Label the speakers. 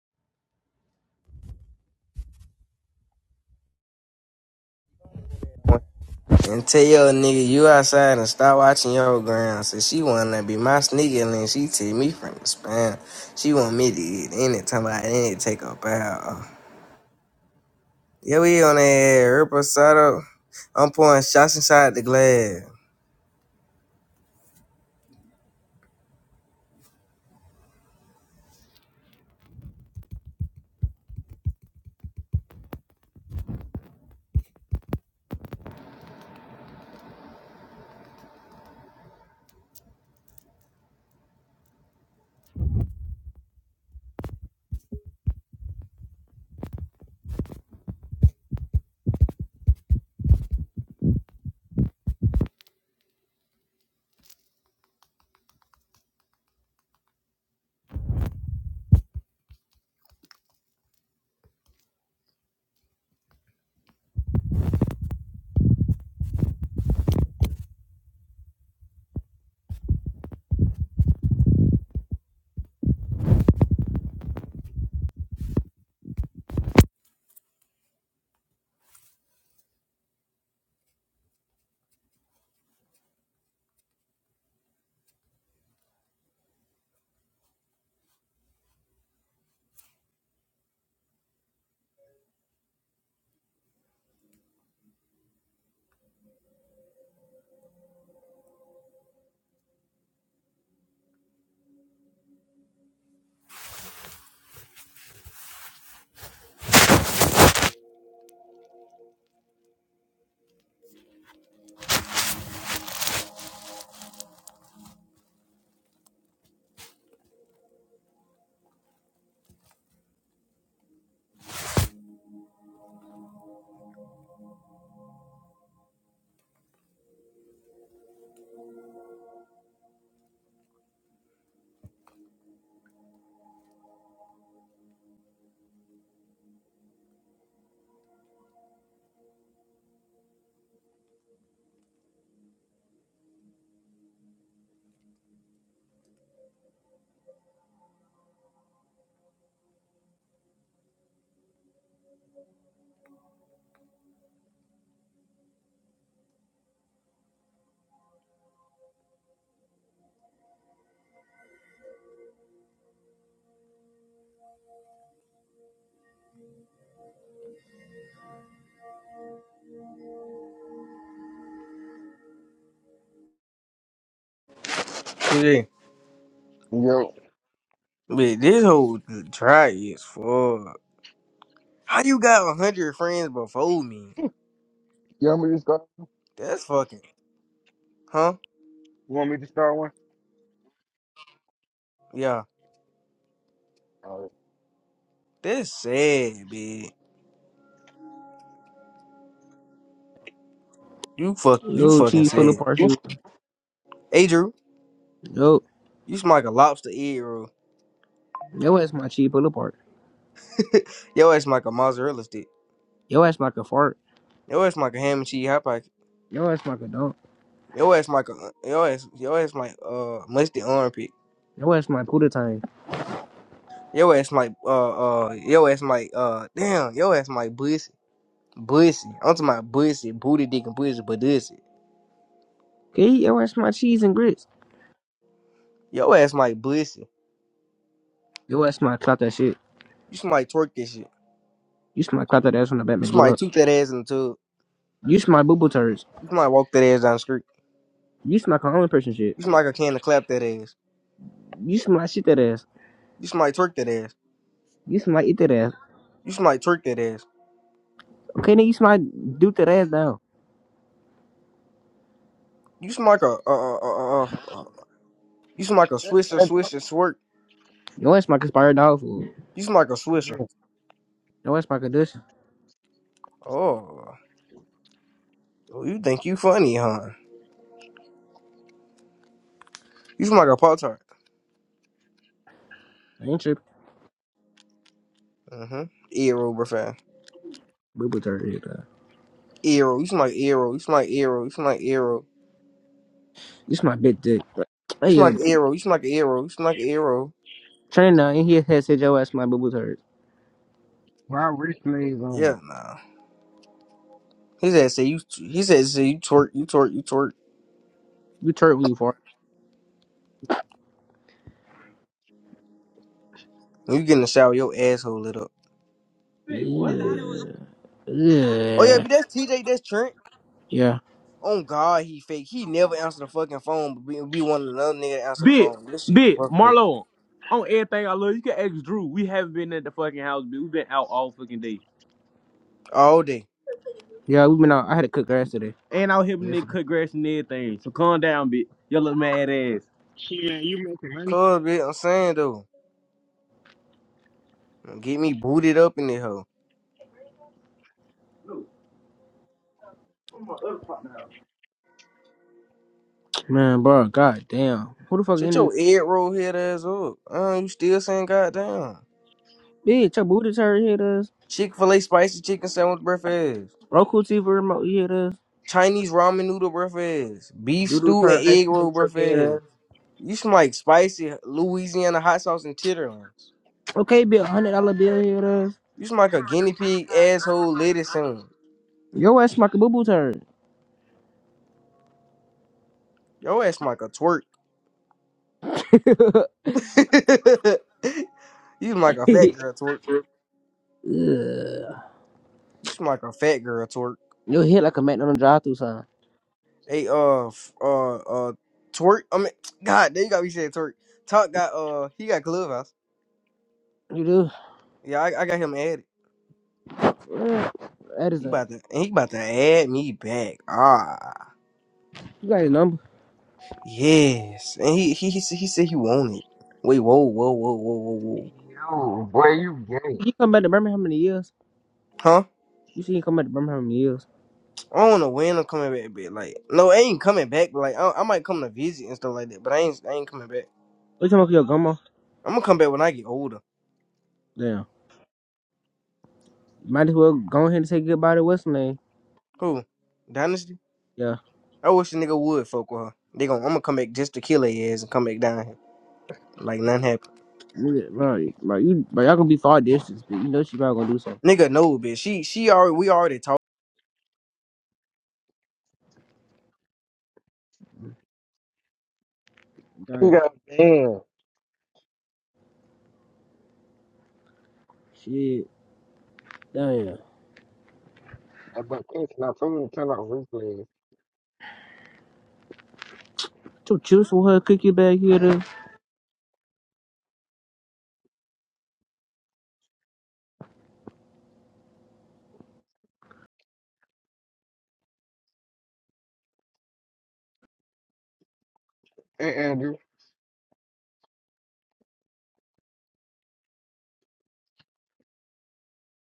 Speaker 1: And tell your nigga you outside and stop watching your ground. So she wanna be my sneaker and she take me from the spam. She want me to eat anytime I didn't take a bow. Yeah, we on that reposado. I'm pouring shots inside the glass. Yeah.
Speaker 2: Yo,
Speaker 1: But this whole try is fuck. How you got a hundred friends before me?
Speaker 2: you want me to start?
Speaker 1: That's fucking huh?
Speaker 2: You want me to start one?
Speaker 1: Yeah.
Speaker 2: All right.
Speaker 1: That's sad, bitch. You fuck you
Speaker 3: Yo,
Speaker 1: fucking
Speaker 3: cheese pull
Speaker 1: sad.
Speaker 3: apart shooter.
Speaker 1: Hey Drew,
Speaker 3: Yo,
Speaker 1: you smell like a lobster egg roll.
Speaker 3: yo ass my cheese pull apart.
Speaker 1: Your ass like a mozzarella stick.
Speaker 3: Yo ass my could fart.
Speaker 1: Your ass like a ham and cheese hot pocket.
Speaker 3: Yo ass my could dunk.
Speaker 1: Your ass like a your ass your ass like uh mustard armpit.
Speaker 3: Yo ass my pooter time.
Speaker 1: Your ass like uh uh your ass like uh damn your ass like bussy bussy. I'm talking about bussy booty dick and pussy but this
Speaker 3: Okay, yo ass my cheese and grits.
Speaker 1: yo ass like bussy.
Speaker 3: Yo ass my clap that shit.
Speaker 1: You should like twerk this shit.
Speaker 3: You smell clap that ass from the
Speaker 1: You
Speaker 3: Batman
Speaker 1: should
Speaker 3: booty
Speaker 1: like
Speaker 3: hut.
Speaker 1: toot that ass in the tub.
Speaker 3: You smell boo boo turds.
Speaker 1: You should like walk that ass down the street.
Speaker 3: You smell common person shit.
Speaker 1: You should like a can to clap that ass.
Speaker 3: You smell shit that ass.
Speaker 1: You should like twerk that ass.
Speaker 3: You smell eat that ass.
Speaker 1: You should like twerk that ass.
Speaker 3: Okay, nigga, you smell do that ass down.
Speaker 1: You should like a uh uh uh uh. uh. You should like a
Speaker 2: That's
Speaker 1: swisher
Speaker 2: Andrew,
Speaker 1: swisher swerk.
Speaker 3: Yo ass my conspired dog food.
Speaker 1: You smell like a swisher.
Speaker 2: Andrew,
Speaker 3: Yo ass my condition.
Speaker 1: Oh, oh, you think you funny, huh? You smell like a pop tart.
Speaker 3: I ain't tripping.
Speaker 1: Mm-hmm. Eero, bro, fam.
Speaker 3: Boo boo turd. nigga.
Speaker 1: Eero, you smell like Eero. You smell like Eero. You smell like Eero.
Speaker 3: You smell big dick.
Speaker 1: You
Speaker 3: Hey
Speaker 1: smell
Speaker 3: yo,
Speaker 1: like Eero. You smell like Eero. You smell like Eero.
Speaker 3: train now in here head said yo ass my boo boo turds.
Speaker 2: my replays
Speaker 1: Yeah,
Speaker 2: on.
Speaker 1: nah. He said, "Say you." He said, "Say you twerk, you twerk, you twerk."
Speaker 3: You turd when you fart.
Speaker 1: When you get in the shower, your asshole lit up.
Speaker 3: Wait, what?
Speaker 1: Oh yeah,
Speaker 3: Yeah.
Speaker 1: but that's TJ. That's Trent.
Speaker 3: Yeah.
Speaker 1: Oh God, he fake. He never answer the fucking phone, but be, be one of another nigga to answer the
Speaker 3: Bit,
Speaker 1: phone. This shit
Speaker 3: bit,
Speaker 1: worked up
Speaker 3: Marlo, on everything I love, you can ask Drew. We haven't been at the fucking house, bit. We've been out all fucking day.
Speaker 1: all day.
Speaker 3: Yeah, we been out. I had to cut grass today. And out here, Yes. nigga, cut grass and everything. So calm down, bit. Your little mad ass.
Speaker 2: She man, you making money?
Speaker 1: Cause, bitch, I'm saying though, get me booted up in the hoe.
Speaker 3: Man, bro, god damn. Who the fuck
Speaker 1: Shut
Speaker 3: in
Speaker 1: your egg roll head ass up. Uh, you still saying goddamn.
Speaker 3: bitch? Your booty turd hit us.
Speaker 1: Chick fil A spicy chicken sandwich breakfast.
Speaker 3: Roku TV remote hit us.
Speaker 1: Chinese ramen noodle breakfast. Beef
Speaker 3: Doodle
Speaker 1: stew and
Speaker 3: turd ice
Speaker 1: egg
Speaker 3: cream
Speaker 1: roll
Speaker 3: truck hit
Speaker 1: breakfast.
Speaker 3: us.
Speaker 1: You smell like spicy Louisiana hot sauce and titterlings.
Speaker 3: Okay, bill, hundred dollar bill hit us.
Speaker 1: You smell like a guinea pig asshole lettuce sandwich.
Speaker 3: Your ass smack a boo boo turd.
Speaker 1: Your ass smell like a twerk. you smell like a fat girl twerk.
Speaker 3: Ugh.
Speaker 1: You smell like a fat girl twerk.
Speaker 3: You hit like a McDonald's drive through sign.
Speaker 1: Hey, uh, f- uh, uh, twerk. I mean, God, damn, you got me saying twerk. Talk got uh, he got clubhouse.
Speaker 3: You do.
Speaker 1: Yeah, I, I got him added.
Speaker 3: Yeah, That is
Speaker 1: He
Speaker 3: a.
Speaker 1: about to and he about to add me back. Ah,
Speaker 3: You got his number.
Speaker 1: yes. And he he he, said- he said he wanted. Wait, whoa, whoa, whoa, whoa, whoa, whoa.
Speaker 2: Yo, boy, you gay.
Speaker 3: You come back to Birmingham in the years.
Speaker 1: Huh?
Speaker 3: You see him come back to Birmingham in the years.
Speaker 1: I don't know when I'm coming back, but like, no, I ain't coming back. But like, I, I might come to visit and stuff like that. But I ain't I ain't coming back.
Speaker 3: What you talking about your grandma?
Speaker 1: I'm gonna come back when I get older.
Speaker 3: Damn. Might as well go ahead and say goodbye to what's her name.
Speaker 1: Who? Dynasty?
Speaker 3: Yeah.
Speaker 1: I wish the nigga would fuck with her. They gon' I'm gonna come back just to kill her ass and come back down here. Like nothing happened.
Speaker 3: Nigga, Bro, bro, you, bro, y'all gonna be far distance, but you know she probably gonna do something.
Speaker 1: Nigga, no, bitch. She she already we already talked.
Speaker 2: You
Speaker 3: Damn.
Speaker 2: got a man.
Speaker 3: Shit. Damn.
Speaker 2: Like, but listen, I told him to turn off replays.
Speaker 3: Two chips for her cookie bag here.
Speaker 2: Hey, Andrew.